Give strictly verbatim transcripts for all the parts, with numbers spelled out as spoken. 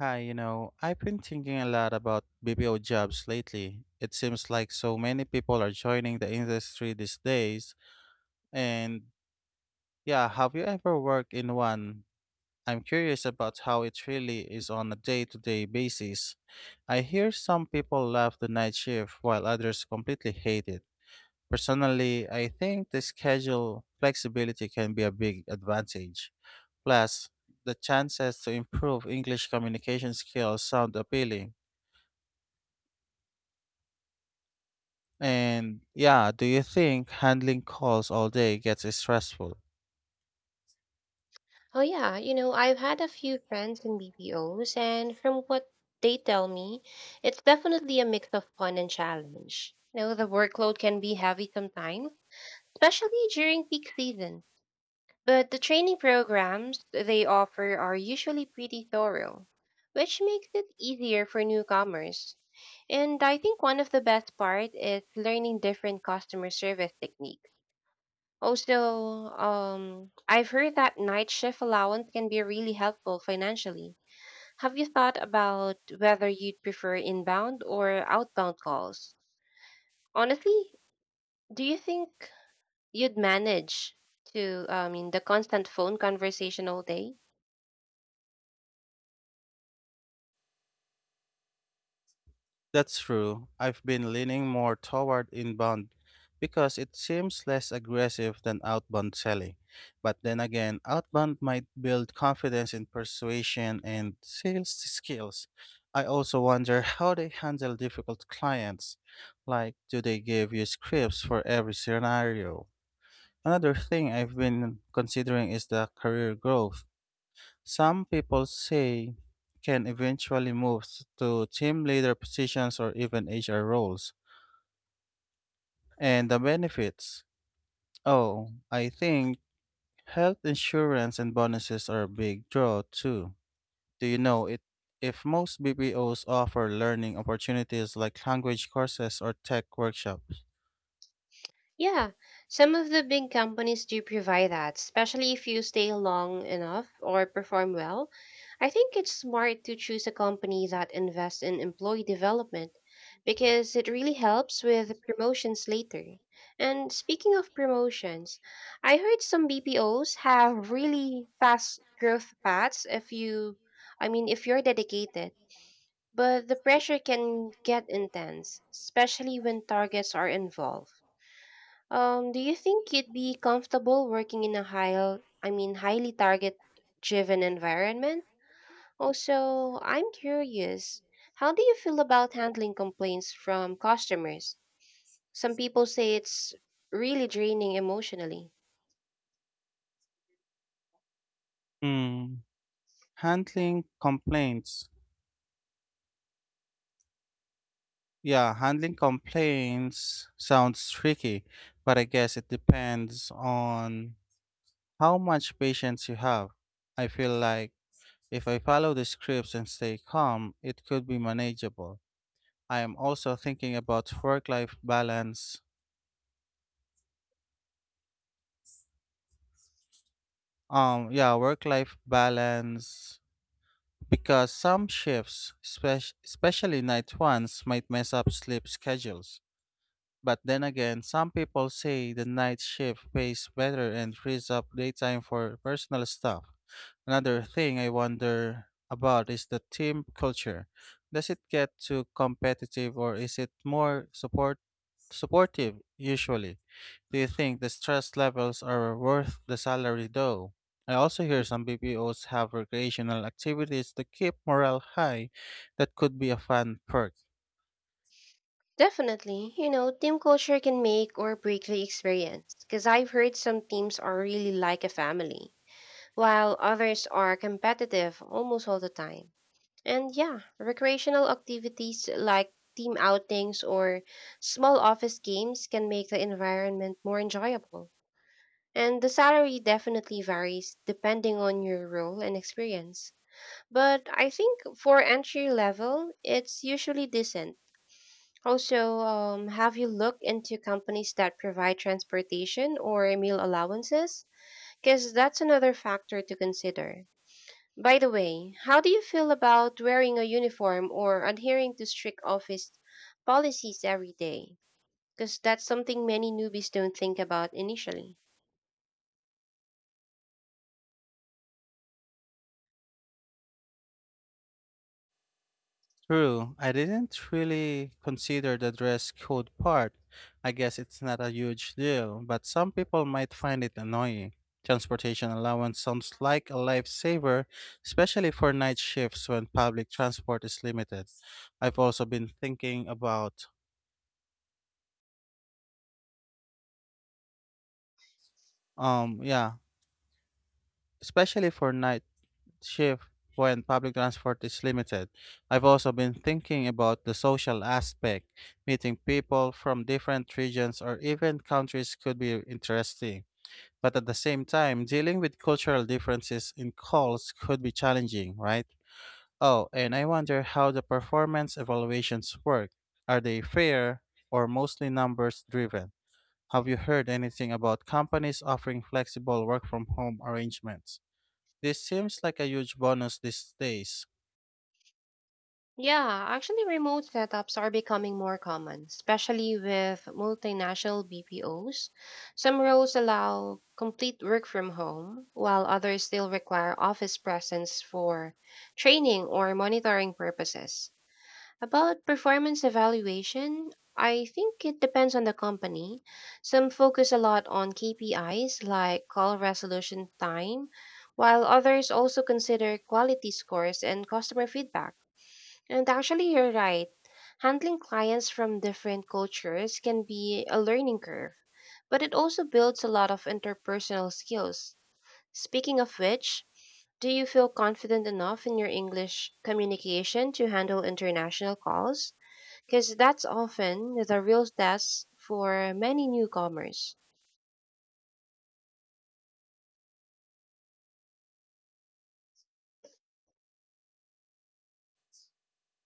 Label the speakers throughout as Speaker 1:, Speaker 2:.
Speaker 1: Hi, you know, I've been thinking a lot about B P O jobs lately. It seems like so many people are joining the industry these days. And yeah, have you ever worked in one? I'm curious about how it really is on a day-to-day basis. I hear some people love the night shift while others completely hate it. Personally, I think the schedule flexibility can be a big advantage. Plus, the chances to improve English communication skills sound appealing. And yeah, do you think handling calls all day gets stressful?
Speaker 2: Oh yeah, you know, I've had a few friends in B P Os and from what they tell me, it's definitely a mix of fun and challenge. You know, the workload can be heavy sometimes, especially during peak season. But the training programs they offer are usually pretty thorough, which makes it easier for newcomers. And I think one of the best part is learning different customer service techniques also, um, I've heard that night shift allowance can be really helpful financially. Have you thought about whether you'd prefer inbound or outbound calls? Honestly, do you think you'd manage to, I mean, the constant phone conversation all day?
Speaker 1: That's true. I've been leaning more toward inbound because it seems less aggressive than outbound selling. But then again, outbound might build confidence in persuasion and sales skills. I also wonder how they handle difficult clients. Like, do they give you scripts for every scenario? Another thing I've been considering is the career growth. Some people say can eventually move to team leader positions or even H R roles. And the benefits? Oh, I think health insurance and bonuses are a big draw too. Do you know it? If most B P Os offer learning opportunities like language courses or tech workshops.
Speaker 2: Yeah, some of the big companies do provide that, especially if you stay long enough or perform well. I think it's smart to choose a company that invests in employee development because it really helps with promotions later. And speaking of promotions, I heard some B P Os have really fast growth paths if you, I mean, if you're dedicated. But the pressure can get intense, especially when targets are involved. Um, do you think you'd be comfortable working in a high, I mean, highly target-driven environment? Also, I'm curious, how do you feel about handling complaints from customers? Some people say it's really draining emotionally.
Speaker 1: Hmm. Handling complaints. Yeah, handling complaints sounds tricky, but I guess it depends on how much patience you have. I feel like if I follow the scripts and stay calm, it could be manageable. I am also thinking about work-life balance. Um, yeah, work-life balance because some shifts, spec- especially night ones, might mess up sleep schedules. But then again, some people say the night shift pays better and frees up daytime for personal stuff. Another thing I wonder about is the team culture. Does it get too competitive or is it more support supportive usually? Do you think the stress levels are worth the salary though? I also hear some B P Os have recreational activities to keep morale high that could be a fun perk.
Speaker 2: Definitely, you know, team culture can make or break the experience. Because I've heard some teams are really like a family, while others are competitive almost all the time. And yeah, recreational activities like team outings or small office games can make the environment more enjoyable. And the salary definitely varies depending on your role and experience. But I think for entry level, it's usually decent. Also, um, have you looked into companies that provide transportation or meal allowances? Because that's another factor to consider. By the way, how do you feel about wearing a uniform or adhering to strict office policies every day? Because that's something many newbies don't think about initially.
Speaker 1: True, I didn't really consider the dress code part. I guess it's not a huge deal, but some people might find it annoying. Transportation allowance sounds like a lifesaver, especially for night shifts when public transport is limited. I've also been thinking about, um, yeah, especially for night shift when public transport is limited. I've also been thinking about the social aspect. Meeting people from different regions or even countries could be interesting. But at the same time, dealing with cultural differences in calls could be challenging, right? Oh, and I wonder how the performance evaluations work. Are they fair or mostly numbers driven? Have you heard anything about companies offering flexible work from home arrangements? This seems like a huge bonus these days.
Speaker 2: Yeah, actually, remote setups are becoming more common, especially with multinational B P Os. Some roles allow complete work from home, while others still require office presence for training or monitoring purposes. About performance evaluation, I think it depends on the company. Some focus a lot on K P Is like call resolution time, while others also consider quality scores and customer feedback. And actually, you're right. Handling clients from different cultures can be a learning curve, but it also builds a lot of interpersonal skills. Speaking of which, do you feel confident enough in your English communication to handle international calls, because that's often the real test for many newcomers.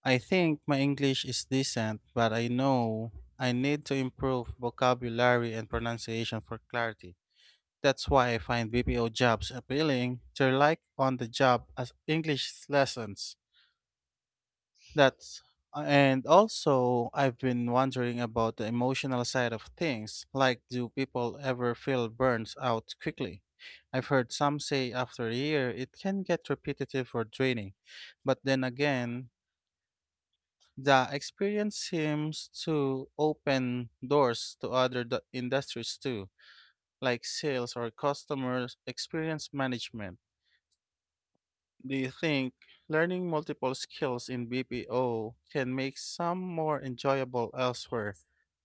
Speaker 1: I think my English is decent, but I know I need to improve vocabulary and pronunciation for clarity. That's why I find B P O jobs appealing. They're like on the job as English lessons. That's And also I've been wondering about the emotional side of things. Like, do people ever feel burnt out quickly? I've heard some say after a year it can get repetitive or draining. But then again, the experience seems to open doors to other d- industries too, like sales or customer experience management. Do you think learning multiple skills in B P O can make some more enjoyable elsewhere?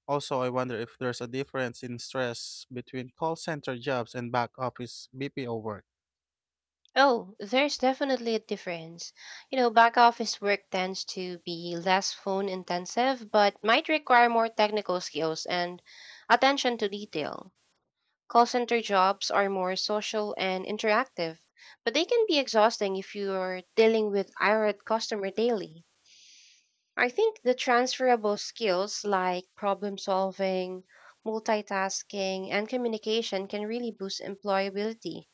Speaker 1: Also, I wonder if there's a difference in stress between call center jobs and back office B P O work.
Speaker 2: Oh, there's definitely a difference. You know, back office work tends to be less phone intensive, but might require more technical skills and attention to detail. Call center jobs are more social and interactive, but they can be exhausting if you're dealing with irate customer daily. I think the transferable skills like problem solving, multitasking, and communication can really boost employability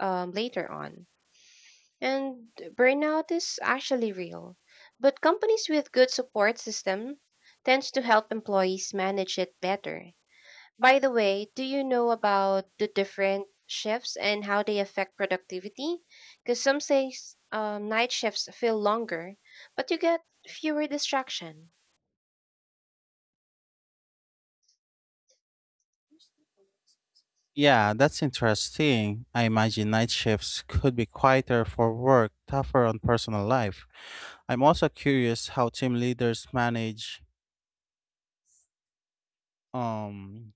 Speaker 2: um, later on. And burnout is actually real, but companies with good support system tends to help employees manage it better. By the way, do you know about the different shifts and how they affect productivity? Because some say um, night shifts feel longer, but you get fewer distraction.
Speaker 1: Yeah, that's interesting. I imagine night shifts could be quieter for work, tougher on personal life. I'm also curious how team leaders manage um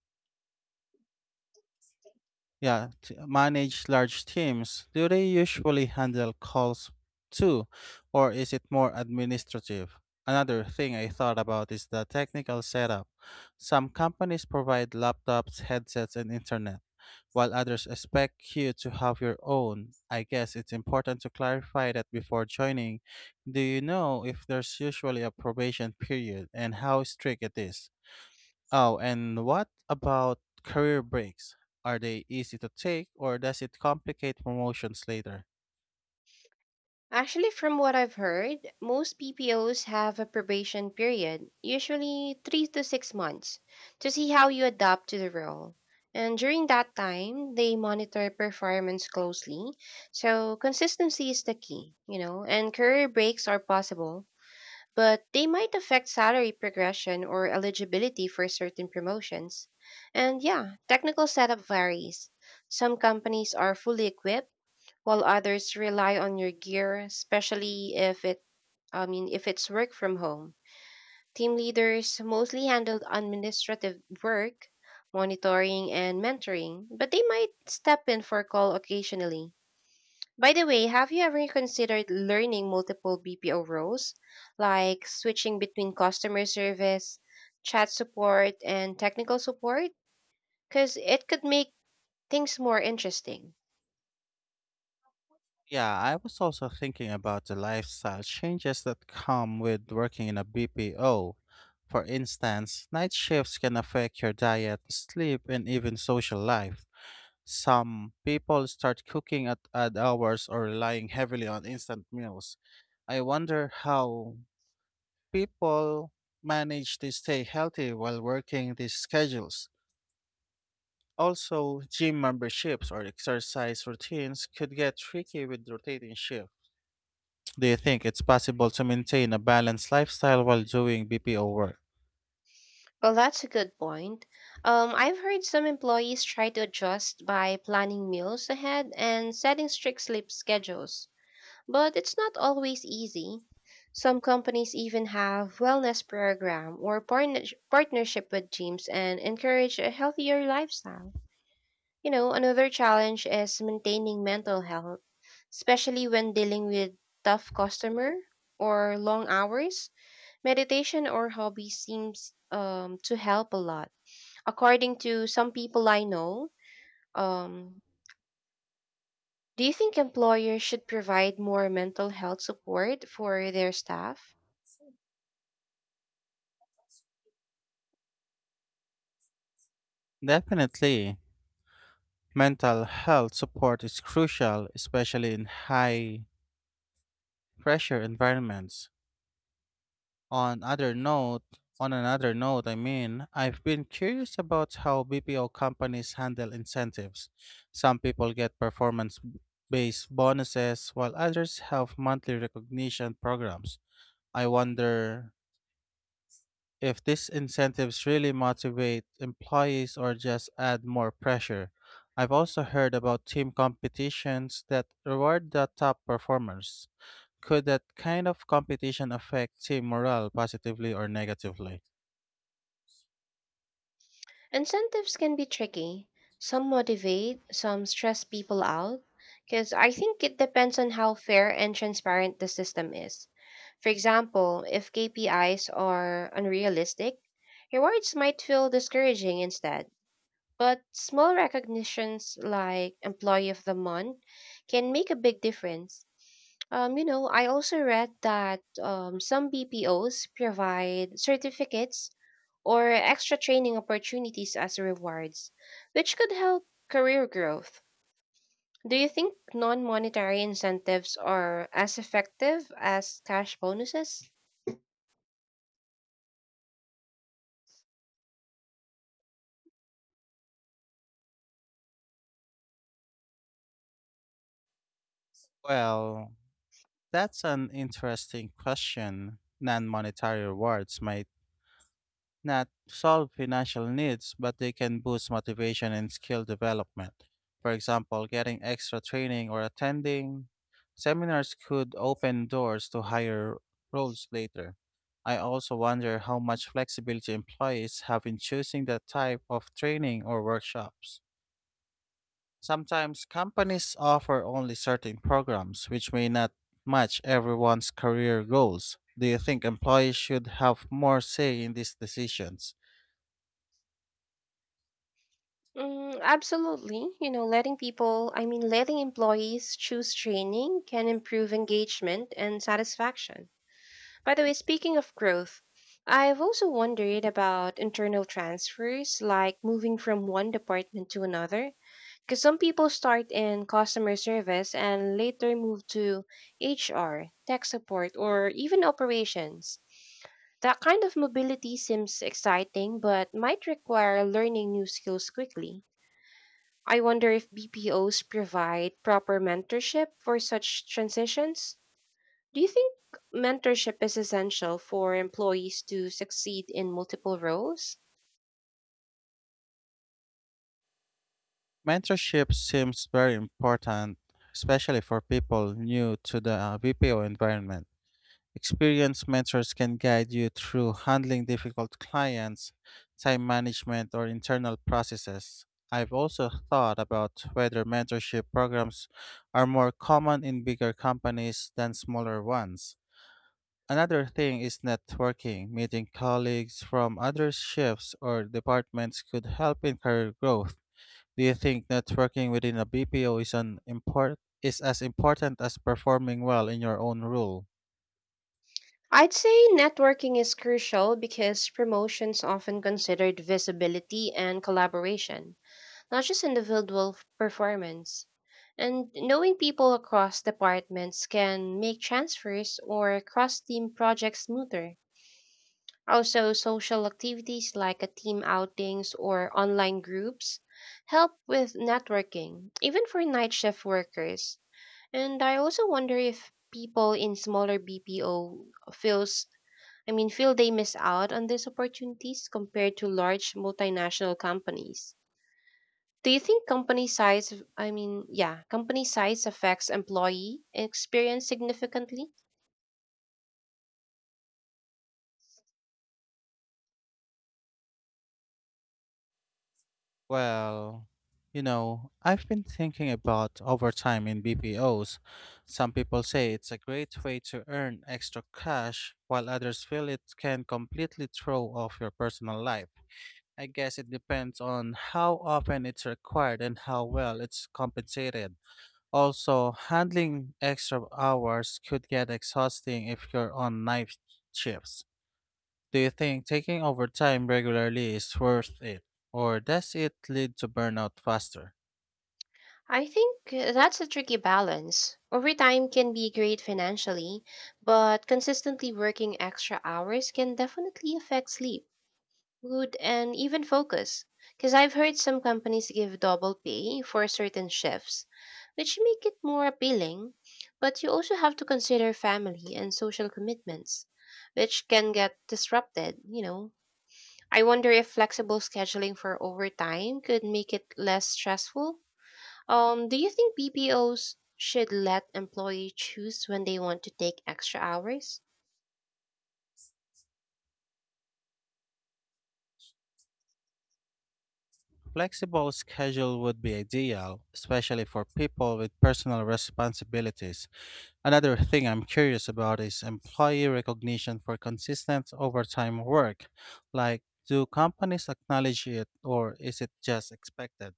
Speaker 1: Yeah, t- manage large teams. Do they usually handle calls too, or is it more administrative? Another thing I thought about is the technical setup. Some companies provide laptops, headsets, and internet, while others expect you to have your own. I guess it's important to clarify that before joining. Do you know if there's usually a probation period and how strict it is? Oh, and what about career breaks? Are they easy to take or does it complicate promotions later?
Speaker 2: Actually, from what I've heard, most P P Os have a probation period, usually three to six months, to see how you adapt to the role. And during that time, they monitor performance closely. So consistency is the key, you know, and career breaks are possible, but they might affect salary progression or eligibility for certain promotions. And yeah, technical setup varies. Some companies are fully equipped while others rely on your gear, especially if it I mean if it's work from home. Team leaders mostly handle administrative work, monitoring and mentoring, but they might step in for a call occasionally. By the way, have you ever considered learning multiple B P O roles, like switching between customer service, chat support, and technical support? Because it could make things more interesting.
Speaker 1: Yeah, I was also thinking about the lifestyle changes that come with working in a B P O. For instance, night shifts can affect your diet, sleep, and even social life. Some people start cooking at odd hours or relying heavily on instant meals. I wonder how people manage to stay healthy while working these schedules. Also, gym memberships or exercise routines could get tricky with rotating shifts. Do you think it's possible to maintain a balanced lifestyle while doing B P O work?
Speaker 2: Well, that's a good point. Um, I've heard some employees try to adjust by planning meals ahead and setting strict sleep schedules, but it's not always easy. Some companies even have wellness program or partner- partnership with gyms and encourage a healthier lifestyle. You know, another challenge is maintaining mental health, especially when dealing with tough customer or long hours. Meditation or hobby seems um, to help a lot. According to some people I know, um, do you think employers should provide more mental health support for their staff?
Speaker 1: Definitely. Mental health support is crucial, especially in high pressure environments. On other note, on another note, I mean, I've been curious about how B P O companies handle incentives. Some people get performance based bonuses while others have monthly recognition programs. I wonder if these incentives really motivate employees or just add more pressure. I've also heard about team competitions that reward the top performers. Could that kind of competition affect team morale positively or negatively?
Speaker 2: Incentives can be tricky. Some motivate, some stress people out, because I think it depends on how fair and transparent the system is. For example, if K P Is are unrealistic, rewards might feel discouraging instead. But small recognitions like Employee of the Month can make a big difference. Um, you know, I also read that um, some B P Os provide certificates or extra training opportunities as rewards, which could help career growth. Do you think non monetary incentives are as effective as cash bonuses?
Speaker 1: Well, that's an interesting question. Non monetary rewards might not solve financial needs, but they can boost motivation and skill development. For example, getting extra training or attending seminars could open doors to higher roles later. I also wonder how much flexibility employees have in choosing the type of training or workshops. Sometimes companies offer only certain programs, which may not match everyone's career goals. Do you think employees should have more say in these decisions?
Speaker 2: Mm, absolutely. You know, letting people, I mean, letting employees choose training can improve engagement and satisfaction. By the way, speaking of growth, I've also wondered about internal transfers, like moving from one department to another. Because some people start in customer service and later move to H R, tech support, or even operations. That kind of mobility seems exciting, but might require learning new skills quickly. I wonder if B P Os provide proper mentorship for such transitions. Do you think mentorship is essential for employees to succeed in multiple roles?
Speaker 1: Mentorship seems very important, especially for people new to the uh, V P O environment. Experienced mentors can guide you through handling difficult clients, time management, or internal processes. I've also thought about whether mentorship programs are more common in bigger companies than smaller ones. Another thing is networking. Meeting colleagues from other shifts or departments could help in career growth. Do you think networking within a B P O is an import is as important as performing well in your own role?
Speaker 2: I'd say networking is crucial because promotions often considered visibility and collaboration, not just individual f- performance. And knowing people across departments can make transfers or cross team projects smoother. Also, social activities like a team outings or online groups help with networking, even for night shift workers. And I also wonder if people in smaller B P O feels I mean feel they miss out on these opportunities compared to large multinational companies. Do you think company size I mean yeah, company size affects employee experience significantly?
Speaker 1: Well, you know, I've been thinking about overtime in B P Os. Some people say it's a great way to earn extra cash, while others feel it can completely throw off your personal life. I guess it depends on how often it's required and how well it's compensated. Also, handling extra hours could get exhausting if you're on night shifts. Do you think taking overtime regularly is worth it, or does it lead to burnout faster?
Speaker 2: I think uh, that's a tricky balance. Overtime can be great financially, but consistently working extra hours can definitely affect sleep, mood, and even focus. Because I've heard some companies give double pay for certain shifts, which make it more appealing, but you also have to consider family and social commitments, which can get disrupted, you know. I wonder if flexible scheduling for overtime could make it less stressful. Um, do you think B P Os should let employee choose when they want to take extra hours?
Speaker 1: Flexible schedule would be ideal, especially for people with personal responsibilities. Another thing I'm curious about is employee recognition for consistent overtime work. Like, do companies acknowledge it, or is it just expected?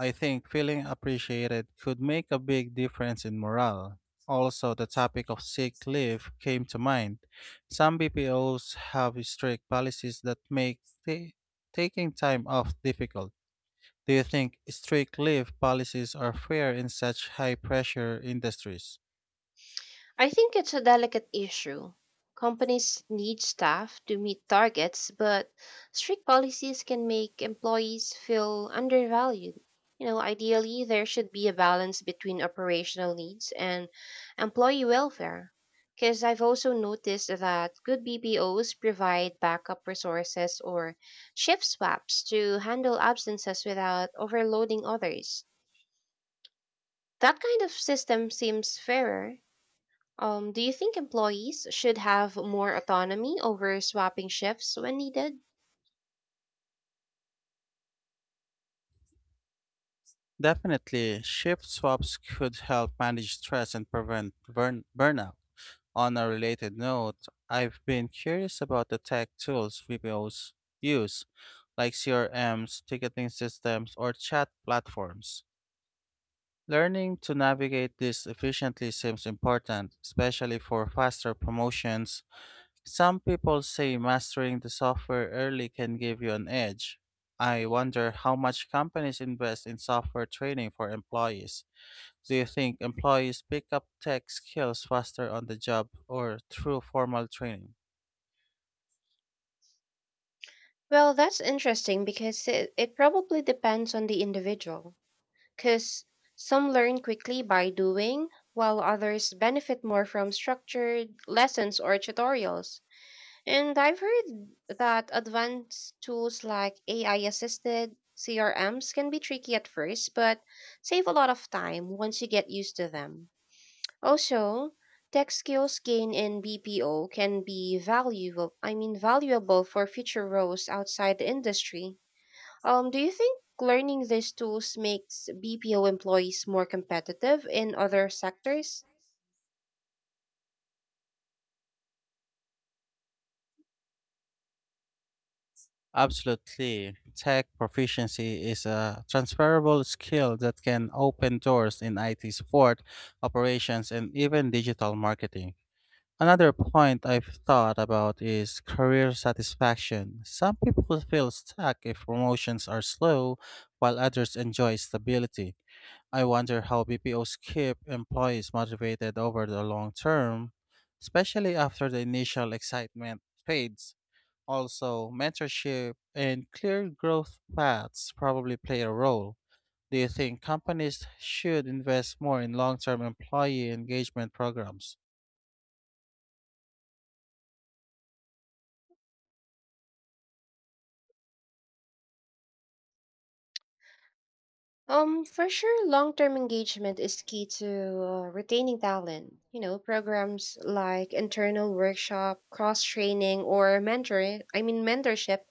Speaker 1: I think feeling appreciated could make a big difference in morale. Also, the topic of sick leave came to mind. Some B P Os have strict policies that make ta- taking time off difficult. Do you think strict leave policies are fair in such high pressure industries?
Speaker 2: I think it's a delicate issue. Companies need staff to meet targets, but strict policies can make employees feel undervalued. You know, ideally, there should be a balance between operational needs and employee welfare. Because I've also noticed that good B P Os provide backup resources or shift swaps to handle absences without overloading others. That kind of system seems fairer. Um, do you think employees should have more autonomy over swapping shifts when needed?
Speaker 1: Definitely, shift swaps could help manage stress and prevent burn- burnout. On a related note, I've been curious about the tech tools V P Os use, like C R Ms, ticketing systems, or chat platforms. Learning to navigate this efficiently seems important, especially for faster promotions. Some people say mastering the software early can give you an edge. I wonder how much companies invest in software training for employees. Do you think employees pick up tech skills faster on the job or through formal training?
Speaker 2: Well, that's interesting because it, it probably depends on the individual. Because some learn quickly by doing, while others benefit more from structured lessons or tutorials. And I've heard that advanced tools like A I assisted C R Ms can be tricky at first, but save a lot of time once you get used to them. Also, tech skills gained in B P O can be valuable, I mean valuable for future roles outside the industry. Um, do you think learning these tools makes B P O employees more competitive in other sectors?
Speaker 1: Absolutely. Tech proficiency is a transferable skill that can open doors in I T support, operations, and even digital marketing. Another point I've thought about is career satisfaction. Some people feel stuck if promotions are slow, while others enjoy stability. I wonder how B P Os keep employees motivated over the long term, especially after the initial excitement fades. Also, mentorship and clear growth paths probably play a role. Do you think companies should invest more in long term employee engagement programs?
Speaker 2: Um, for sure, long-term engagement is key to uh, retaining talent. You know, programs like internal workshop, cross-training, or mentoring, I mean mentorship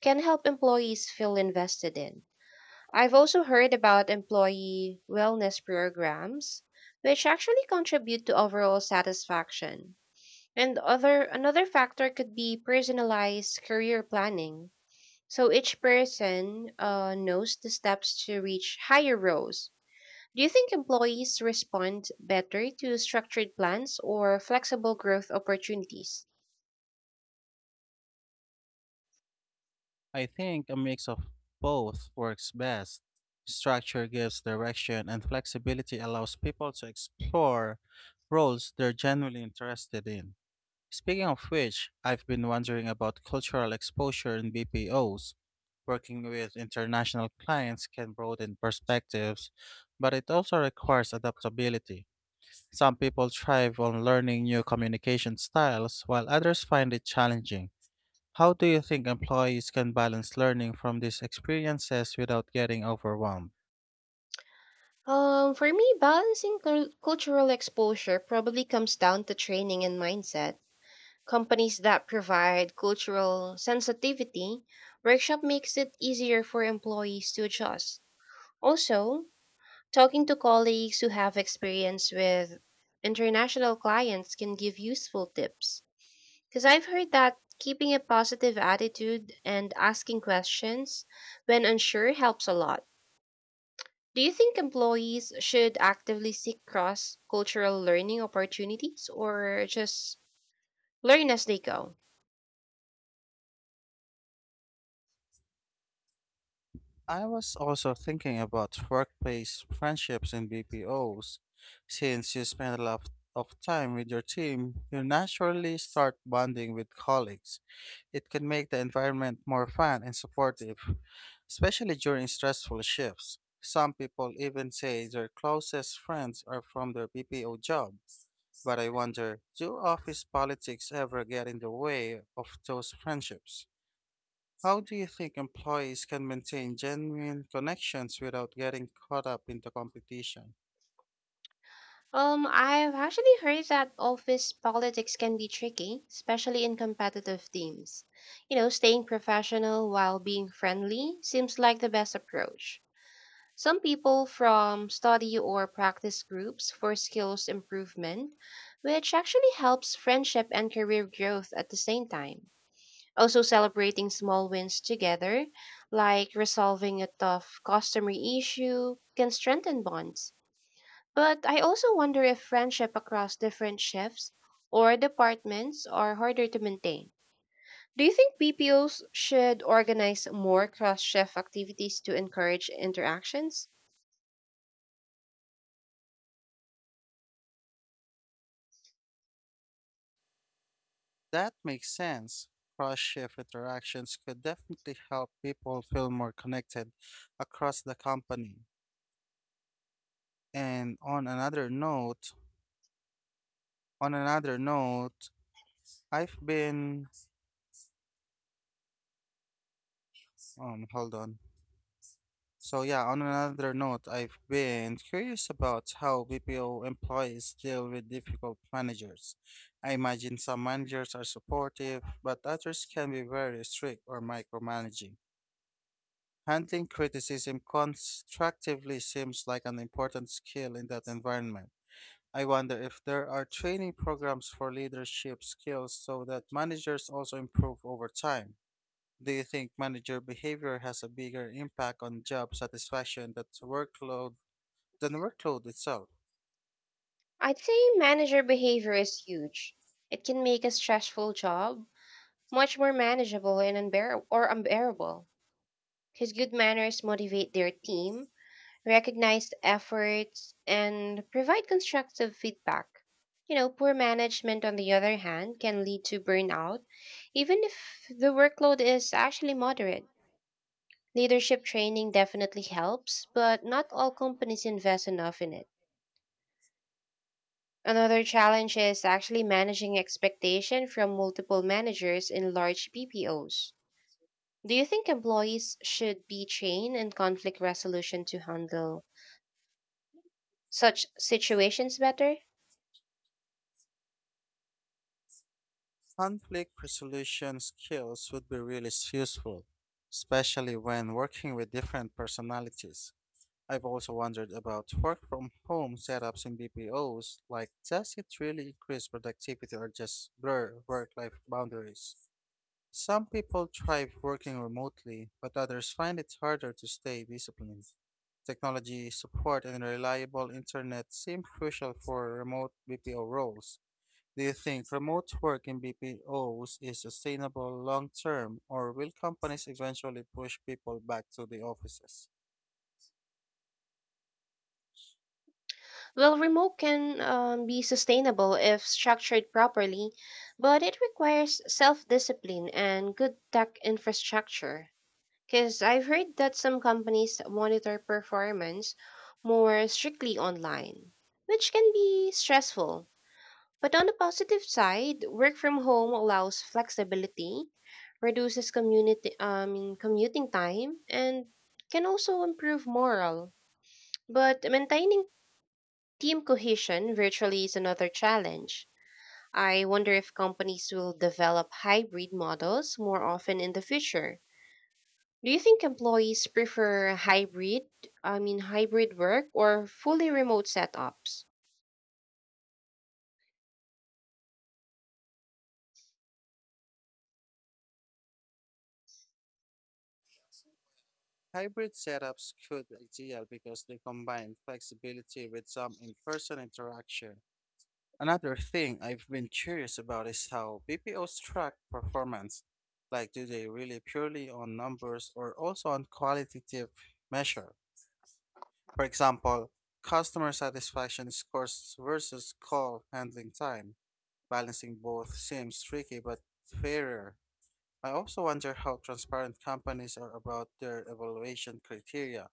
Speaker 2: can help employees feel invested in. I've also heard about employee wellness programs, which actually contribute to overall satisfaction. And other another factor could be personalized career planning. So each person uh, knows the steps to reach higher roles. Do you think employees respond better to structured plans or flexible growth opportunities?
Speaker 1: I think a mix of both works best. Structure gives direction, and flexibility allows people to explore roles they're genuinely interested in. Speaking of which, I've been wondering about cultural exposure in B P Os. Working with international clients can broaden perspectives, but it also requires adaptability. Some people thrive on learning new communication styles, while others find it challenging. How do you think employees can balance learning from these experiences without getting overwhelmed?
Speaker 2: Um, for me, balancing cul- cultural exposure probably comes down to training and mindset. Companies that provide cultural sensitivity workshop makes it easier for employees to adjust. Also, talking to colleagues who have experience with international clients can give useful tips. Because I've heard that keeping a positive attitude and asking questions when unsure helps a lot. Do you think employees should actively seek cross cultural learning opportunities or just learn as they go?
Speaker 1: I was also thinking about workplace friendships in B P Os. Since you spend a lot of time with your team, you naturally start bonding with colleagues. It can make the environment more fun and supportive, especially during stressful shifts. Some people even say their closest friends are from their B P O job. But I wonder, do office politics ever get in the way of those friendships? How do you think employees can maintain genuine connections without getting caught up in the competition?
Speaker 2: Um, I've actually heard that office politics can be tricky, especially in competitive teams. You know, staying professional while being friendly seems like the best approach. Some people from study or practice groups for skills improvement, which actually helps friendship and career growth at the same time. Also, celebrating small wins together, like resolving a tough customer issue, can strengthen bonds. But I also wonder if friendship across different shifts or departments are harder to maintain. Do you think B P Os should organize more cross shift activities to encourage interactions?
Speaker 1: That makes sense. Cross shift interactions could definitely help people feel more connected across the company. And on another note, on another note, I've been um hold on. So yeah, on another note, I've been curious about how B P O employees deal with difficult managers. I imagine some managers are supportive, but others can be very strict or micromanaging. Handling criticism constructively seems like an important skill in that environment. I wonder if there are training programs for leadership skills so that managers also improve over time. Do you think manager behavior has a bigger impact on job satisfaction than workload than workload itself?
Speaker 2: I'd say manager behavior is huge. It can make a stressful job much more manageable and unbearable or unbearable because good manners motivate their team recognize the efforts, and provide constructive feedback. You know, poor management, on the other hand, can lead to burnout, even if the workload is actually moderate. Leadership training definitely helps, but not all companies invest enough in it. Another challenge is actually managing expectation from multiple managers in large B P Os. Do you think employees should be trained in conflict resolution to handle such situations better?
Speaker 1: Conflict resolution skills would be really useful, especially when working with different personalities. I've also wondered about work from home setups in B P Os, like does it really increase productivity or just blur work life boundaries? Some people thrive working remotely, but others find it harder to stay disciplined. Technology support and reliable internet seem crucial for remote B P O roles. Do you think remote work in B P Os is sustainable long term, or will companies eventually push people back to the offices?
Speaker 2: Well, remote can um, be sustainable if structured properly, but it requires self discipline and good tech infrastructure. Because I've heard that some companies monitor performance more strictly online, which can be stressful. But on the positive side, work from home allows flexibility, reduces community, um, commuting time, and can also improve morale. But maintaining team cohesion virtually is another challenge. I wonder if companies will develop hybrid models more often in the future. Do you think employees prefer hybrid, I mean hybrid work or fully remote setups?
Speaker 1: Hybrid setups could be ideal because they combine flexibility with some in person interaction. Another thing I've been curious about is how B P Os track performance. Like, do they really purely on numbers or also on qualitative measure? For example, customer satisfaction scores versus call handling time. Balancing both seems tricky but fairer. I also wonder how transparent companies are about their evaluation criteria.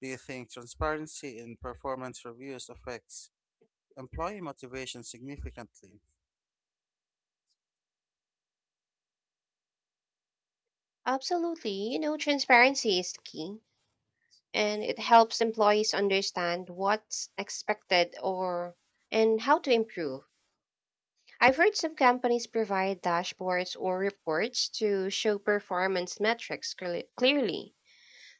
Speaker 1: Do you think transparency in performance reviews affects employee motivation significantly?
Speaker 2: Absolutely, you know, transparency is key, and it helps employees understand what's expected or and how to improve. I've heard some companies provide dashboards or reports to show performance metrics cl- clearly,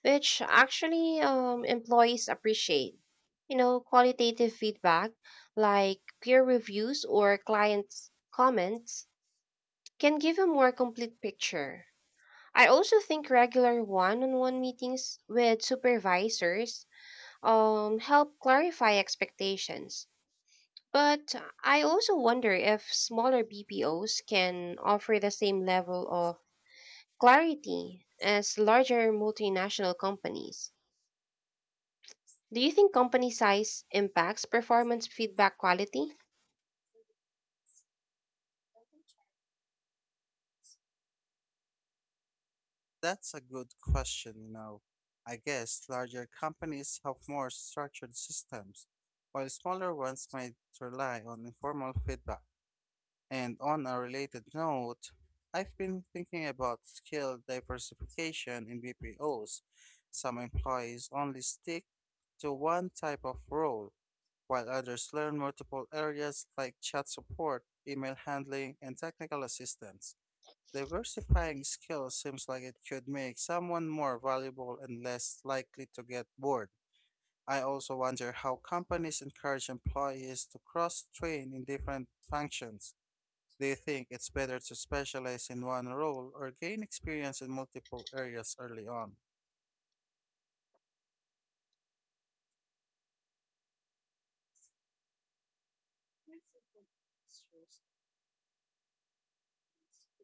Speaker 2: which actually um, employees appreciate. You know, qualitative feedback like peer reviews or clients' comments can give a more complete picture. I also think regular one on one meetings with supervisors um, help clarify expectations. But I also wonder if smaller B P Os can offer the same level of clarity as larger multinational companies. Do you think company size impacts performance feedback quality?
Speaker 1: That's a good question, you know. I guess larger companies have more structured systems, while smaller ones might rely on informal feedback. And on a related note, I've been thinking about skill diversification in B P Os. Some employees only stick to one type of role, while others learn multiple areas like chat support, email handling, and technical assistance. Diversifying skills seems like it could make someone more valuable and less likely to get bored. I also wonder how companies encourage employees to cross train in different functions. Do you think it's better to specialize in one role or gain experience in multiple areas early on?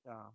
Speaker 1: Yeah.